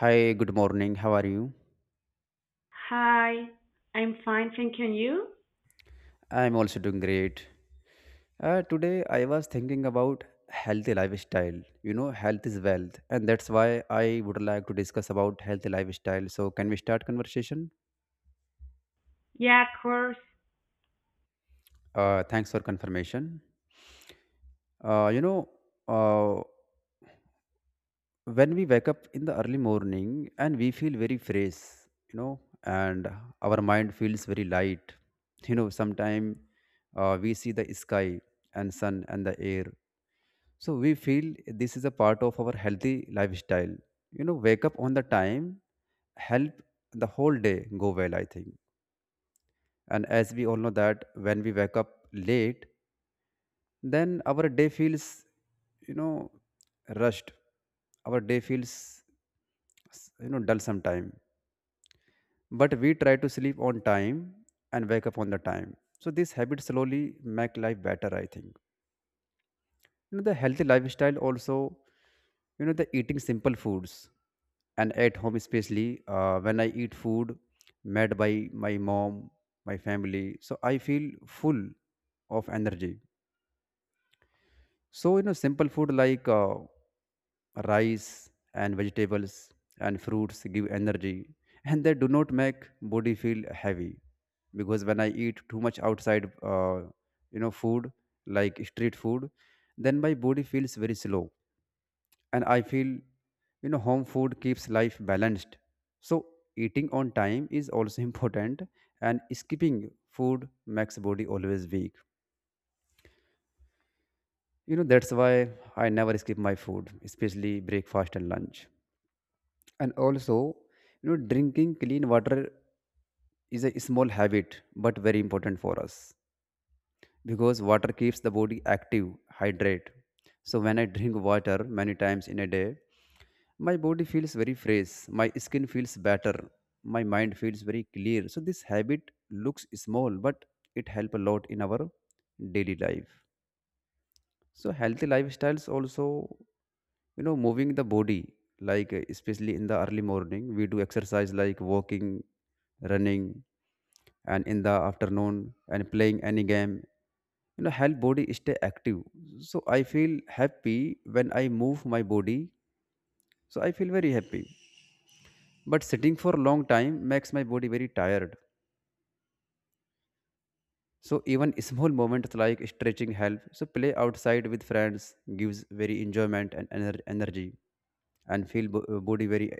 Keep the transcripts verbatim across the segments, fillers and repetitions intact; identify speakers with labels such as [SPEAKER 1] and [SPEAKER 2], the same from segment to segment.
[SPEAKER 1] Hi, good morning. How are you?
[SPEAKER 2] Hi, I'm fine, thank you. And you?
[SPEAKER 1] I'm also doing great. Uh, today I was thinking about healthy lifestyle. You know, health is wealth, and that's why I would like to discuss about healthy lifestyle. So, can we start conversation?
[SPEAKER 2] Yeah, of course.
[SPEAKER 1] Uh, thanks for confirmation. Uh, you know, uh, when we wake up in the early morning and we feel very fresh, you know, and our mind feels very light. You know, sometime uh, we see the sky and sun and the air. So we feel this is a part of our healthy lifestyle. You know, wake up on the time, help the whole day go well, I think. And as we all know that when we wake up late, then our day feels, you know, rushed. Our day feels, you know, dull sometime. But we try to sleep on time and wake up on the time. So this habit slowly make life better, I think. you know the healthy lifestyle also, you know the eating simple foods, and at home especially, uh, when I eat food made by my mom, my family, so I feel full of energy. So you know simple food like uh, rice and vegetables and fruits give energy, and they do not make body feel heavy. Because when I eat too much outside, uh, you know food like street food, then my body feels very slow. And I feel you know home food keeps life balanced. So eating on time is also important, and skipping food makes body always weak. You know that's why I never skip my food, especially breakfast and lunch. And also, you know drinking clean water is a small habit but very important for us, because water keeps the body active, hydrate. So when I drink water many times in a day, my body feels very fresh, my skin feels better, my mind feels very clear. So this habit looks small, but it helps a lot in our daily life. So healthy lifestyles also, you know, moving the body, like, uh, especially in the early morning, we do exercise like walking, running, and in the afternoon and playing any game. You know, help body stay active. So I feel happy when I move my body. So I feel very happy. But sitting for a long time makes my body very tired. So even small moments like stretching help. So play outside with friends gives very enjoyment and ener- energy and feel bo- uh, body very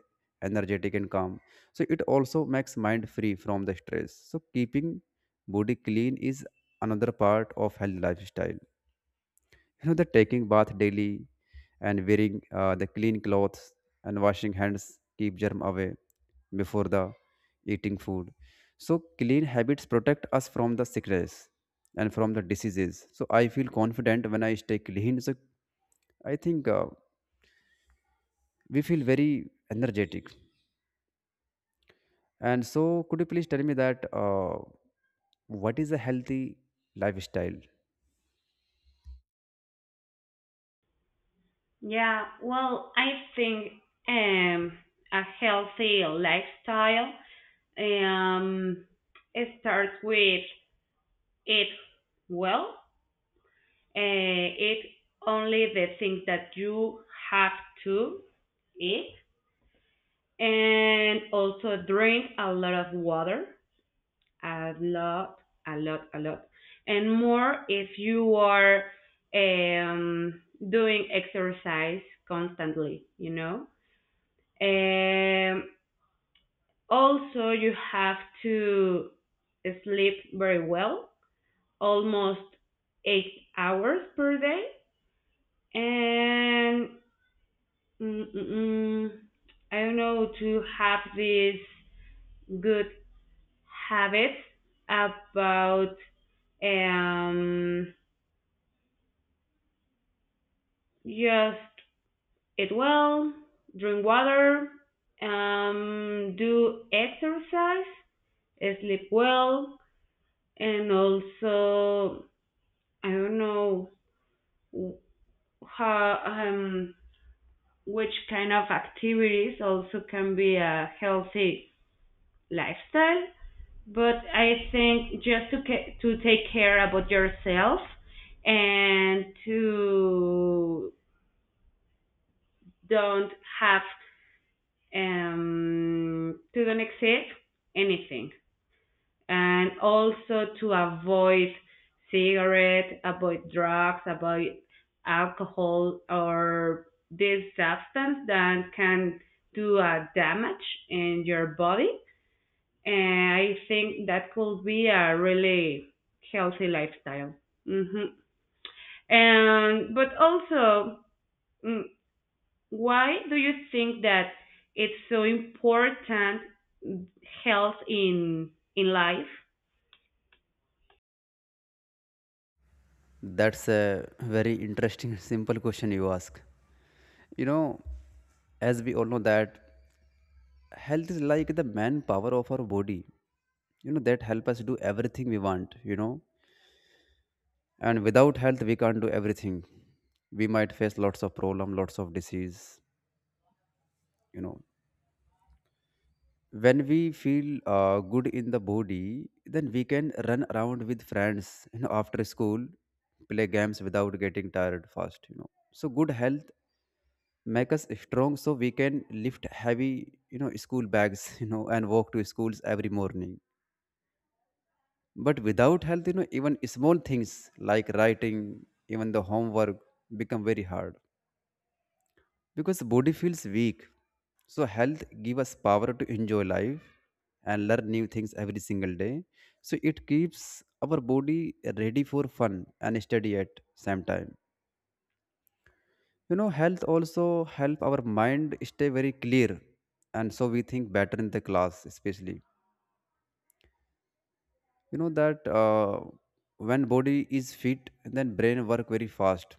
[SPEAKER 1] energetic and calm. So it also makes mind free from the stress. So keeping body clean is another part of healthy lifestyle. you know the taking bath daily and wearing uh, the clean clothes and washing hands keep germ away before the eating food. So clean habits protect us from the sickness and from the diseases. So I feel confident when I stay clean. So I think, uh, we feel very energetic. And so, could you please tell me that, uh, what is a healthy lifestyle?
[SPEAKER 2] Yeah, well, I think um, a healthy lifestyle um, it starts with eat well, uh, eat only the things that you have to eat, and also drink a lot of water. A lot, a lot, a lot, and more if you are um, doing exercise constantly. You know. Um, Also, you have to sleep very well, almost eight hours per day, and mm, mm, mm, I don't know to have these good habits about um, just eat well, drink water, um, do exercise, sleep well, and also I don't know how, um, which kind of activities also can be a healthy lifestyle. But I think just to ca- to take care about yourself and to don't have, um, to don't accept anything, and also to avoid cigarettes, avoid drugs, avoid alcohol or this substance that can do a damage in your body. And I think that could be a really healthy lifestyle. hmm And but also, mm, why do you think that it's so important health in in life?
[SPEAKER 1] That's a very interesting simple question you ask. You know, as we all know that health is like the manpower of our body. You know, that help us do everything we want, you know. And without health we can't do everything. We might face lots of problem, lots of disease, you know. When we feel uh, good in the body, then we can run around with friends, you know, after school, play games without getting tired fast, you know. So good health make us strong, so we can lift heavy, you know school bags, you know and walk to schools every morning. But without health, you know even small things like writing even the homework become very hard because body feels weak. So health give us power to enjoy life and learn new things every single day. So it keeps our body ready for fun and study at same time. You know health also help our mind stay very clear, and so we think better in the class, especially you know that uh, when body is fit, then brain work very fast,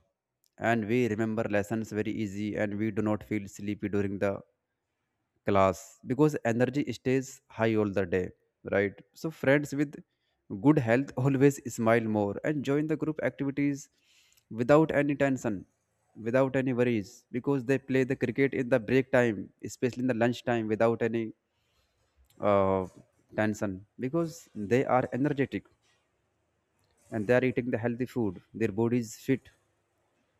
[SPEAKER 1] and we remember lessons very easy, and we do not feel sleepy during the class, because energy stays high all the day, right? So, friends with good health always smile more and join the group activities without any tension, without any worries, because they play the cricket in the break time, especially in the lunch time, without any uh, tension, because they are energetic and they are eating the healthy food, their body is fit,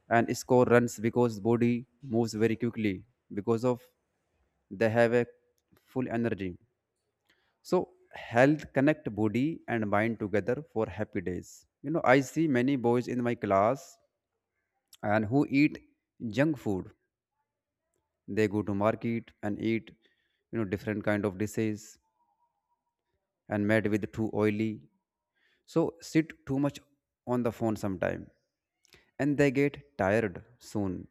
[SPEAKER 1] and score runs because body moves very quickly because of they have a full energy. So health connect body and mind together for happy days. You know, I see many boys in my class and who eat junk food. They go to market and eat, you know, different kind of dishes and made with too oily. So sit too much on the phone sometime, and they get tired soon.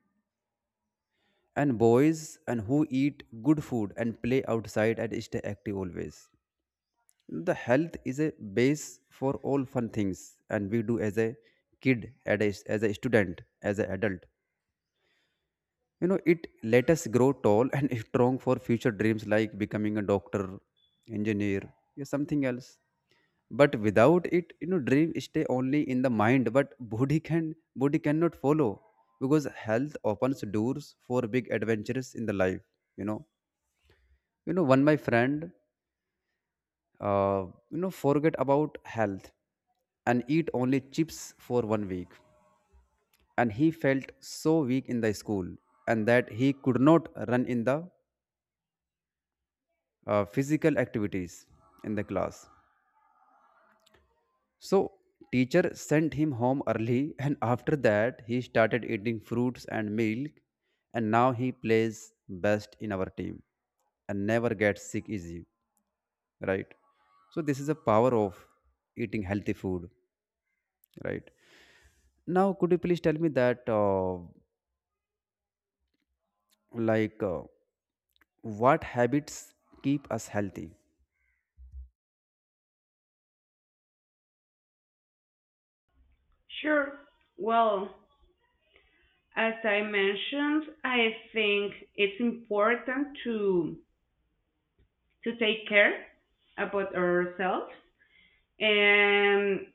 [SPEAKER 1] And boys and who eat good food and play outside and stay active always. The health is a base for all fun things and we do as a kid, at a- as a student, as an adult. You know it let us grow tall and strong for future dreams, like becoming a doctor, engineer, or something else. But without it, you know dream stay only in the mind, but body can body cannot follow, because health opens doors for big adventures in the life you know you know One my friend, uh, you know forget about health and eat only chips for one week, and he felt so weak in the school, and that he could not run in the uh, physical activities in the class. So teacher sent him home early and after that he started eating fruits and milk, and now he plays best in our team and never gets sick easy, right? So this is the power of eating healthy food, right? Now, could you please tell me that, uh, like, uh, what habits keep us healthy?
[SPEAKER 2] Sure. Well, as I mentioned, I think it's important to to take care about ourselves and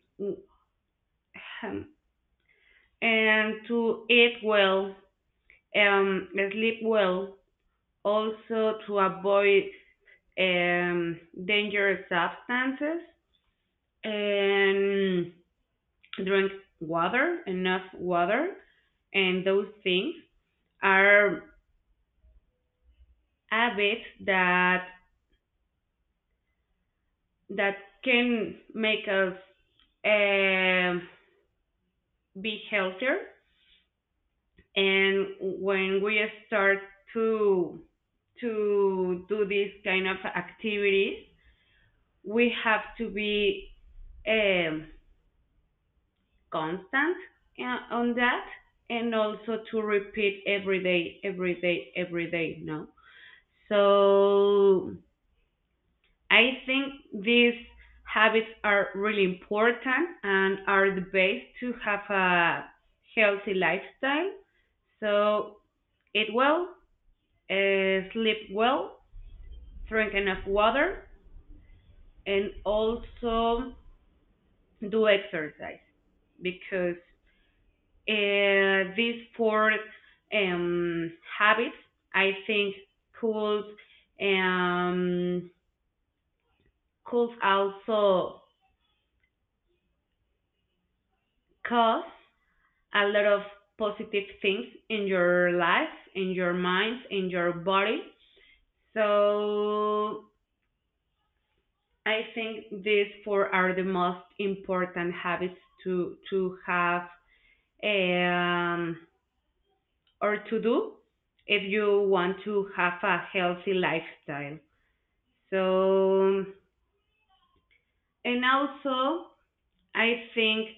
[SPEAKER 2] and to eat well, um, sleep well, also to avoid um, dangerous substances and drink water, enough water, and those things are habits that that can make us uh, be healthier. And when we start to to do these kind of activities, we have to be um, constant uh, on that, and also to repeat every day, every day, every day. No, so I think these habits are really important and are the base to have a healthy lifestyle. So eat well, uh, sleep well, drink enough water, and also do exercise because uh, these four um, habits, I think, could, um, could also cause a lot of positive things in your life, in your mind, in your body. So I think these four are the most important habits to to have, um, or to do if you want to have a healthy lifestyle. So and also I think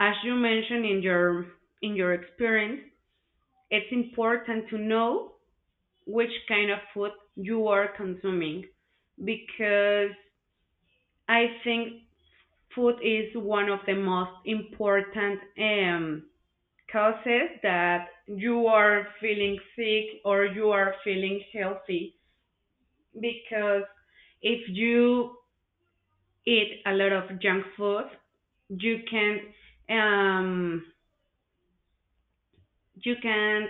[SPEAKER 2] as you mentioned in your in your experience, it's important to know which kind of food you are consuming because I think food is one of the most important um, causes that you are feeling sick or you are feeling healthy because if you eat a lot of junk food, you can, um, you can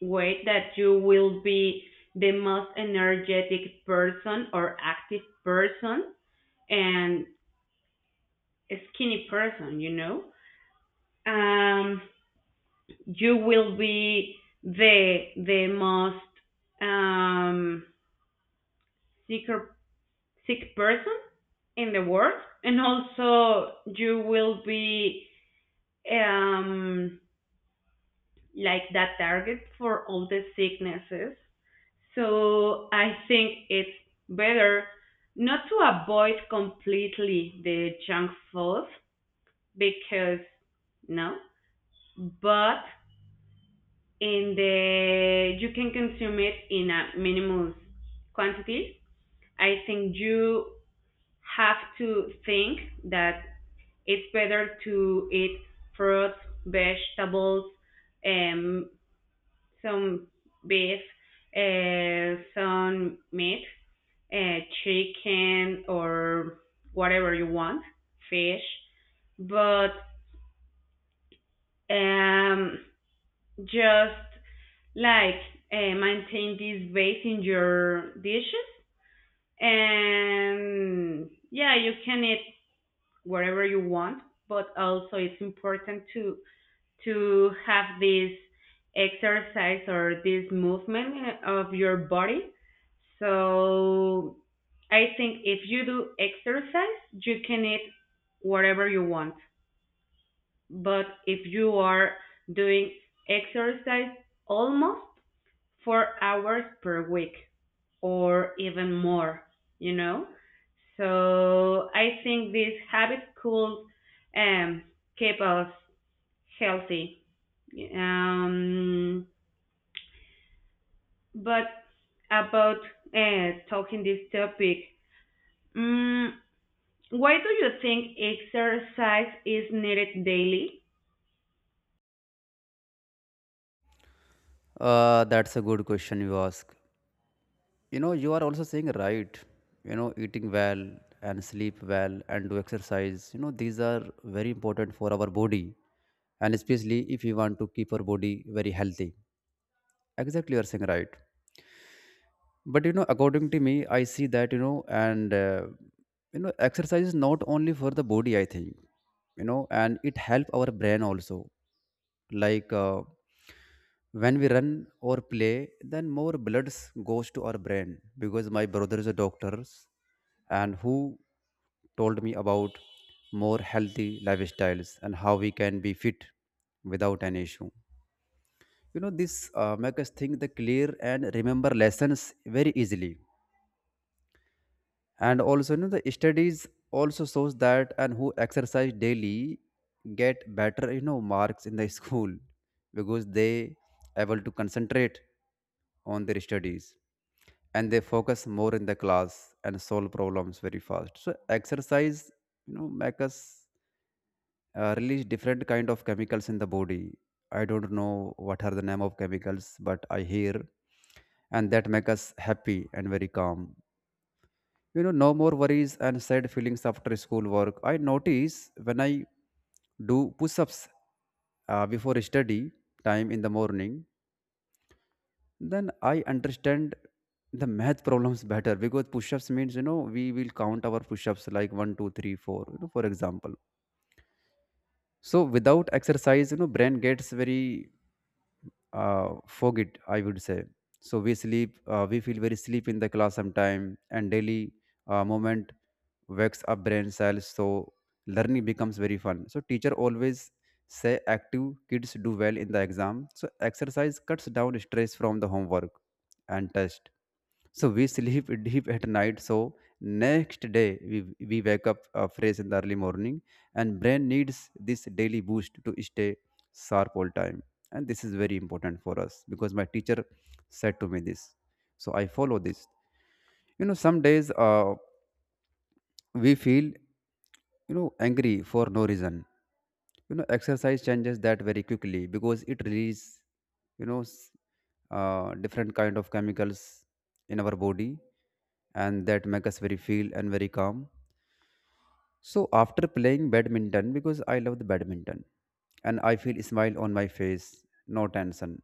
[SPEAKER 2] wait that you will be the most energetic person or active person and a skinny person, you know, um, you will be the the most um, sicker, sick person in the world, and also you will be, um, like that target for all the sicknesses. So I think it's better not to avoid completely the junk food because no, but And the you can consume it in a minimal quantity. I think you have to think that it's better to eat fruits, vegetables, um, some beef, uh, some meat, uh, chicken, or whatever you want, fish, but, um, just like, uh, maintain this base in your dishes, and yeah, you can eat whatever you want, but also it's important to to have this exercise or this movement of your body. So I think if you do exercise, you can eat whatever you want, but if you are doing exercise almost four hours per week or even more, you know? So I think these habits could, um, keep us healthy. Um, but about uh, talking this topic, mm, why do you think exercise is needed daily?
[SPEAKER 1] Uh, that's a good question you ask. You know, you are also saying right. You know, eating well and sleep well and do exercise. You know, these are very important for our body, and especially if you want to keep our body very healthy. Exactly, you are saying right. But you know according to me I see that you know and uh, you know exercise is not only for the body, I think. You know and it help our brain also, like uh, when we run or play, then more bloods goes to our brain, because my brother is a doctor and who told me about more healthy lifestyles and how we can be fit without any issue. You know this uh, make us think the clear and remember lessons very easily. And also, you know the studies also shows that and who exercise daily get better, you know marks in the school, because they able to concentrate on their studies, and they focus more in the class and solve problems very fast. So exercise, you know make us uh, release different kind of chemicals in the body. I don't know what are the name of chemicals, but I hear, and that make us happy and very calm. You know no more worries and sad feelings after school work. I notice when I do push-ups uh, before study time in the morning, then I understand the math problems better, because push-ups means, you know we will count our push-ups like one two three four, you know for example. So without exercise, you know brain gets very, uh, forget, I would say. So we sleep uh, we feel very sleep in the class sometime, and daily uh, moment wakes up brain cells, so learning becomes very fun. So teacher always say active kids do well in the exam. So exercise cuts down stress from the homework and test, so we sleep deep at night. So next day we, we wake up uh, fresh in the early morning, and brain needs this daily boost to stay sharp all time. And this is very important for us because my teacher said to me this. So I follow this. You know, some days, uh, we feel, you know angry for no reason. You know, exercise changes that very quickly because it releases you know s- uh, different kind of chemicals in our body, and that make us very feel and very calm. So after playing badminton, because I love the badminton, and I feel smile on my face, no tension.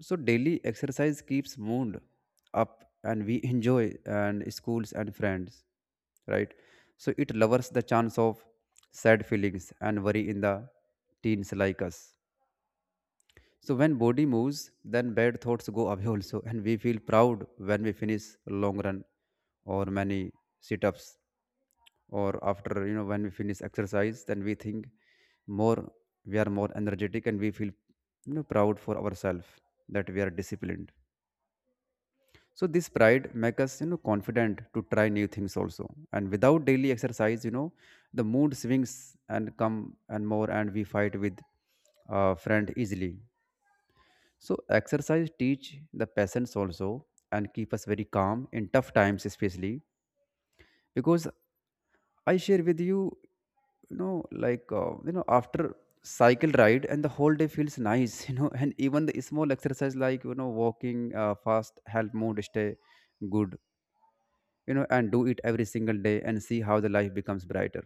[SPEAKER 1] So daily exercise keeps mood up, and we enjoy and schools and friends. Right. So it lowers the chance of sad feelings and worry in the teens like us. So when body moves, then bad thoughts go away also, and we feel proud when we finish long run or many sit-ups, or after you know when we finish exercise, then we think more, we are more energetic, and we feel you know proud for ourselves, that we are disciplined. So this pride makes us you know confident to try new things also. And without daily exercise, you know the mood swings and come and more, and we fight with uh, friend easily. So exercise teach the patience also and keep us very calm in tough times, especially because I share with you, you know like uh, you know after cycle ride, and the whole day feels nice. you know and even the small exercise like you know walking uh, fast help mood stay good. You know and do it every single day and see how the life becomes brighter.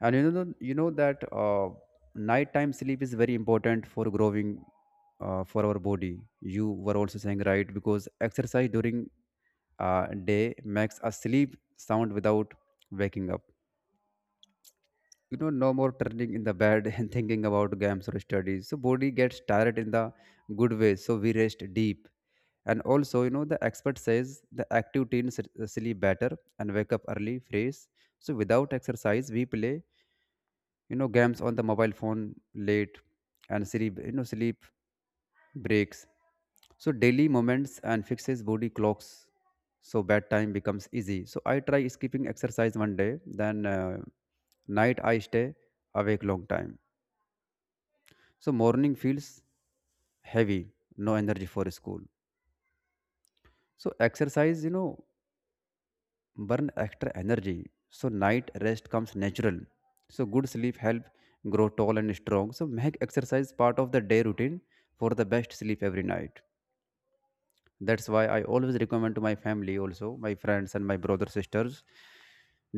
[SPEAKER 1] And you know you know that uh, nighttime sleep is very important for growing, uh, for our body. You were also saying, right, because exercise during uh, day makes us sleep sound without waking up. You know, no more turning in the bed and thinking about games or studies. So body gets tired in the good way. So we rest deep. And also, you know, the expert says the active teens s- sleep better and wake up early, fresh. So without exercise, we play, you know, games on the mobile phone late, and sleep, you know, sleep breaks. So daily moments and fixes body clocks, so bedtime becomes easy. So I try skipping exercise one day, then uh, night I stay awake long time. So morning feels heavy, no energy for school. So exercise, you know, burn extra energy. So night rest comes natural. So good sleep help grow tall and strong. So make exercise part of the day routine for the best sleep every night. That's why I always recommend to my family, also my friends and my brother sisters,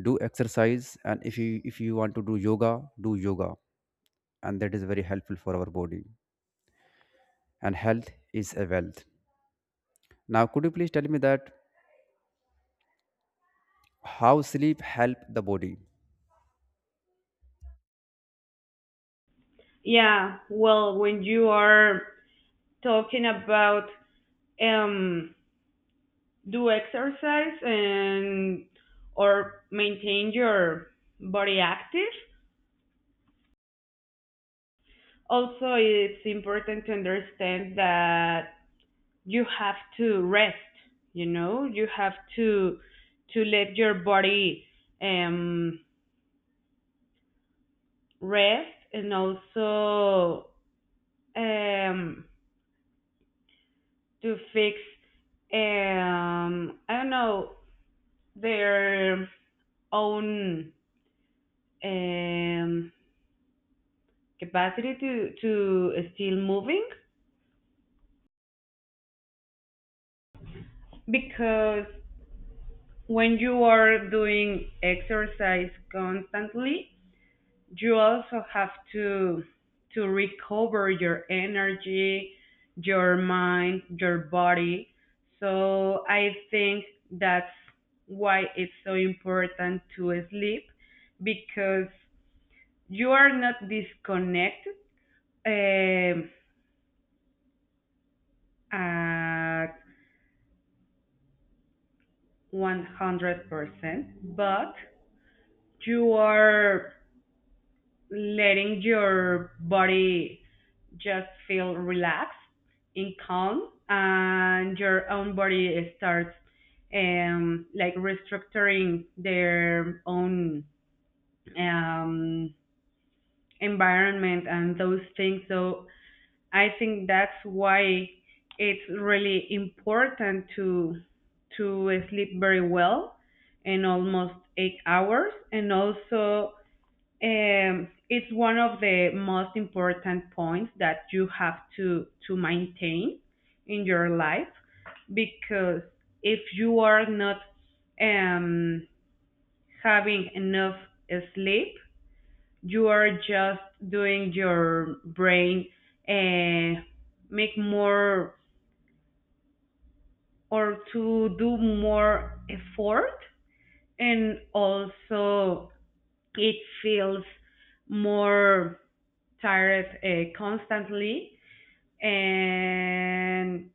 [SPEAKER 1] do exercise. And if you if you want to do yoga, do yoga, and that is very helpful for our body. And health is a wealth. Now, could you please tell me that how sleep help the body?
[SPEAKER 2] Yeah, well, when you are talking about, um, do exercise and or maintain your body active. Also, it's important to understand that you have to rest. You know, you have to to let your body, um, rest and also, um, to fix, um, I don't know their own, um, capacity to to still moving, because when you are doing exercise constantly, you also have to to recover your energy, your mind, your body. So I think that's why it's so important to sleep, because you are not disconnected, um, uh, at one hundred percent, but you are letting your body just feel relaxed and calm, and your own body starts, um, like restructuring their own, um, environment and those things. So I think that's why it's really important to to sleep very well in almost eight hours, and also, um, it's one of the most important points that you have to to maintain in your life, because if you are not, um, having enough sleep, you are just doing your brain, uh, make more or to do more effort, and also it feels more tired uh, constantly, and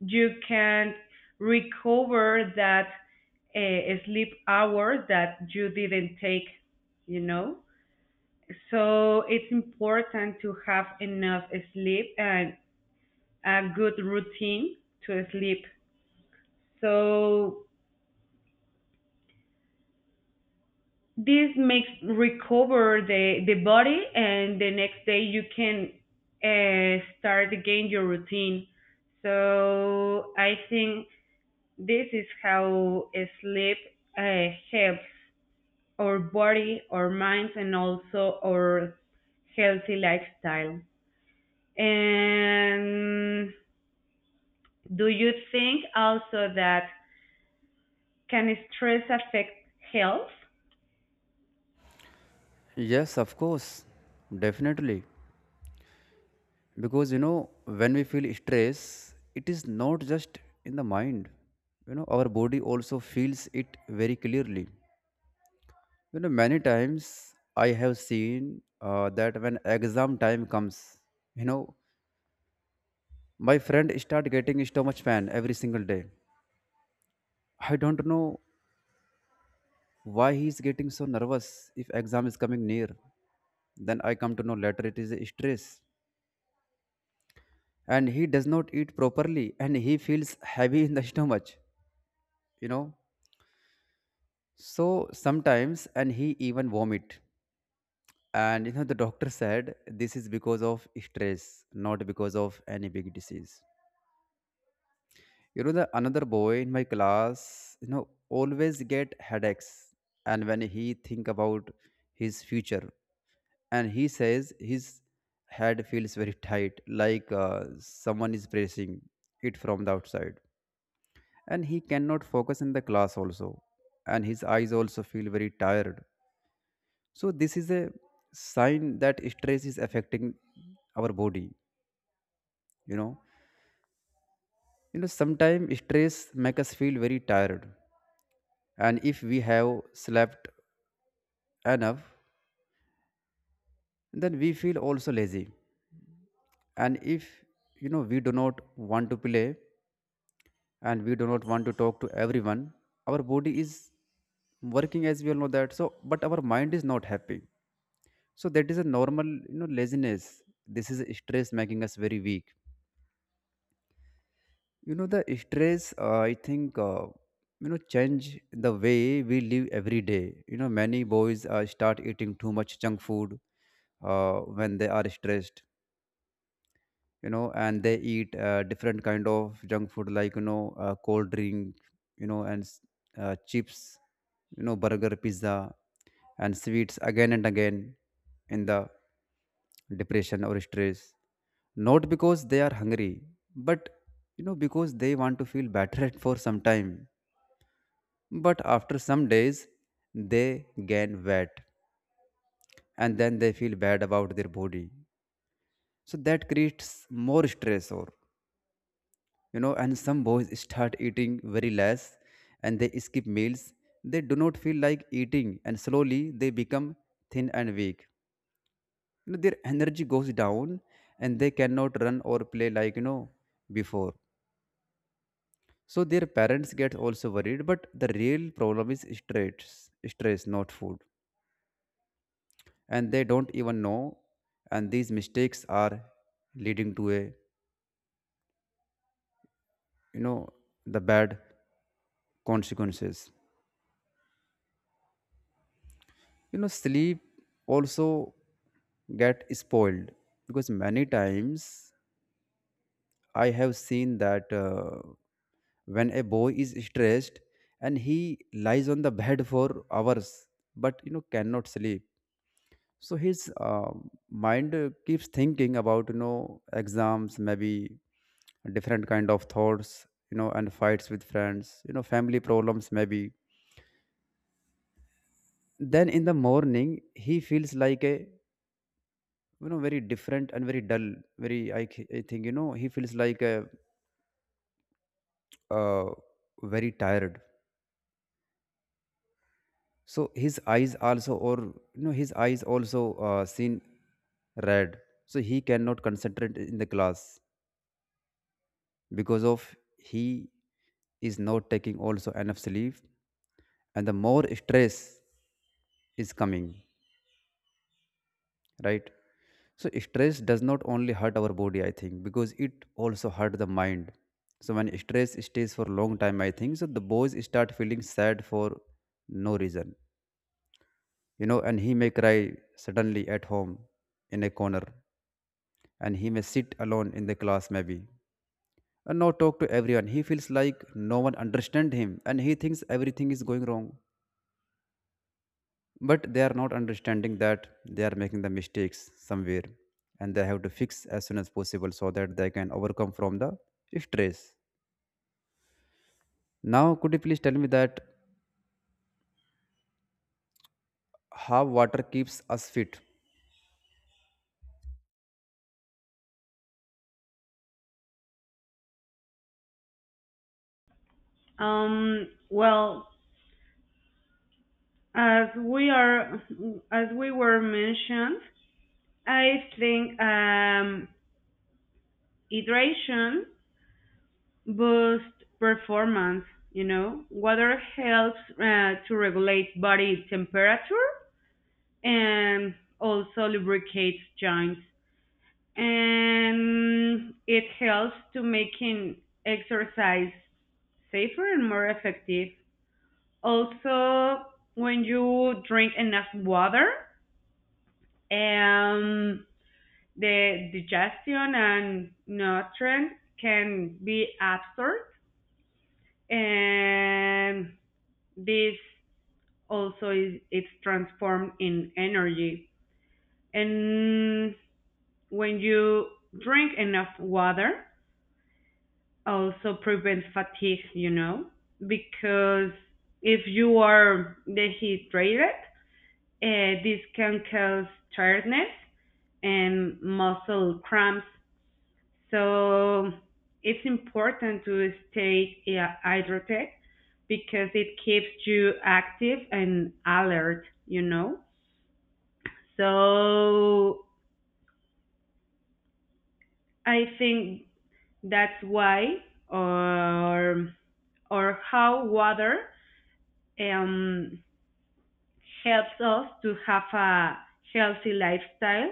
[SPEAKER 2] you can recover that uh, sleep hour that you didn't take, you know. So it's important to have enough sleep and a good routine to sleep. So this makes recover the, the body, and the next day you can uh, start again your routine. So I think this is how eh, sleep uh, helps our body, our minds, and also our healthy lifestyle. And do you think also that can stress affect health?
[SPEAKER 1] Yes, of course. Definitely. Because, you know, when we feel stress, it is not just in the mind, you know, our body also feels it very clearly. You know, many times I have seen uh, that when exam time comes, you know, my friend start getting stomach pain every single day. I don't know why he is getting so nervous if exam is coming near. Then I come to know later it is stress, and he does not eat properly, and he feels heavy in the stomach. You know, so sometimes and he even vomit. And you know, the doctor said this is because of stress, not because of any big disease. You know, the another boy in my class, you know, always get headaches, and when he think about his future, and he says his head feels very tight, like uh, someone is pressing it from the outside, and he cannot focus in the class also, and his eyes also feel very tired. So this is a sign that stress is affecting our body. You know, you know, sometimes stress make us feel very tired, and if we have slept enough, then we feel also lazy. And if, you know we do not want to play, and we do not want to talk to everyone, our body is working, as we all know that, so but our mind is not happy. So that is a normal, you know laziness, this is stress making us very weak. You know the stress uh, I think uh, you know change the way we live every day. You know, many boys uh, start eating too much junk food uh, when they are stressed. You know, and they eat uh, different kind of junk food like, you know uh, cold drink, you know and s- uh, chips, you know, burger, pizza, and sweets again and again, in the depression or stress, not because they are hungry, but you know because they want to feel better for some time. But after some days, they gain weight, and then they feel bad about their body. So that creates more stress. You know, and some boys start eating very less, and they skip meals, they do not feel like eating, and slowly they become thin and weak. You know, their energy goes down, and they cannot run or play like, you know before. So their parents get also worried, but the real problem is stress. stress not food. And they don't even know, and these mistakes are leading to a, you know the bad consequences. You know, sleep also get spoiled, because many times I have seen that, uh, when a boy is stressed, and he lies on the bed for hours but you know cannot sleep. So his uh, mind uh, keeps thinking about, you know, exams maybe, different kind of thoughts, you know, and fights with friends, you know, family problems maybe. Then in the morning, he feels like a, you know very different and very dull, very i, c- I think, you know, he feels like a, uh, very tired. So his eyes also, or you know, his eyes also uh, seen red. So he cannot concentrate in the class because of he is not taking also enough sleep, and the more stress is coming, right? So stress does not only hurt our body, I think, because it also hurt the mind. So when stress stays for long time, I think, so the boys start feeling sad for no reason, you know, and he may cry suddenly at home in a corner, and he may sit alone in the class maybe, and not talk to everyone. He feels like no one understand him, and he thinks everything is going wrong. But they are not understanding that they are making the mistakes somewhere, and they have to fix as soon as possible so that they can overcome from the stress. Now, could you please tell me that how water keeps us fit?
[SPEAKER 2] Um, well, as we are, as we were mentioned, I think, um, hydration boosts performance. You know, water helps uh, to regulate body temperature and also lubricates joints, and it helps to making exercise safer and more effective. Also, when you drink enough water, um, the digestion and nutrient can be absorbed, and this also is it's transformed in energy. And when you drink enough water, also prevent fatigue, you know, because if you are dehydrated, uh, this can cause tiredness and muscle cramps. So it's important to stay uh, hydrated, because it keeps you active and alert, you know. So I think that's why, or or how water um helps us to have a healthy lifestyle,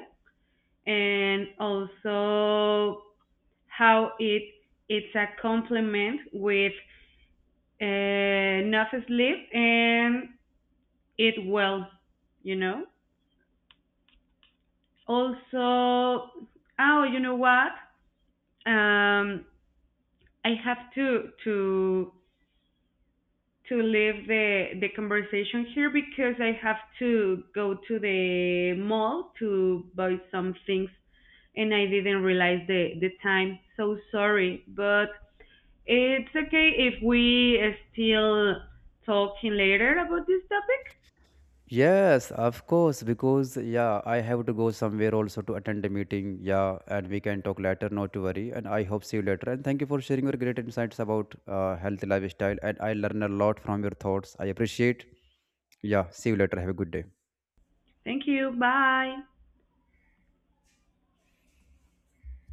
[SPEAKER 2] and also how it it's a complement with uh, enough sleep and eat well, you know. Also, oh, you know what, um I have to to to leave the the conversation here, because I have to go to the mall to buy some things, and I didn't realize the the time. So sorry, but it's okay if we still talking later about this topic.
[SPEAKER 1] Yes, of course. Because yeah, I have to go somewhere also to attend a meeting. Yeah, and we can talk later, not to worry. And I hope see you later, and thank you for sharing your great insights about uh, healthy lifestyle, and I learn a lot from your thoughts, I appreciate. Yeah, see you later, have a good day.
[SPEAKER 2] Thank you. Bye.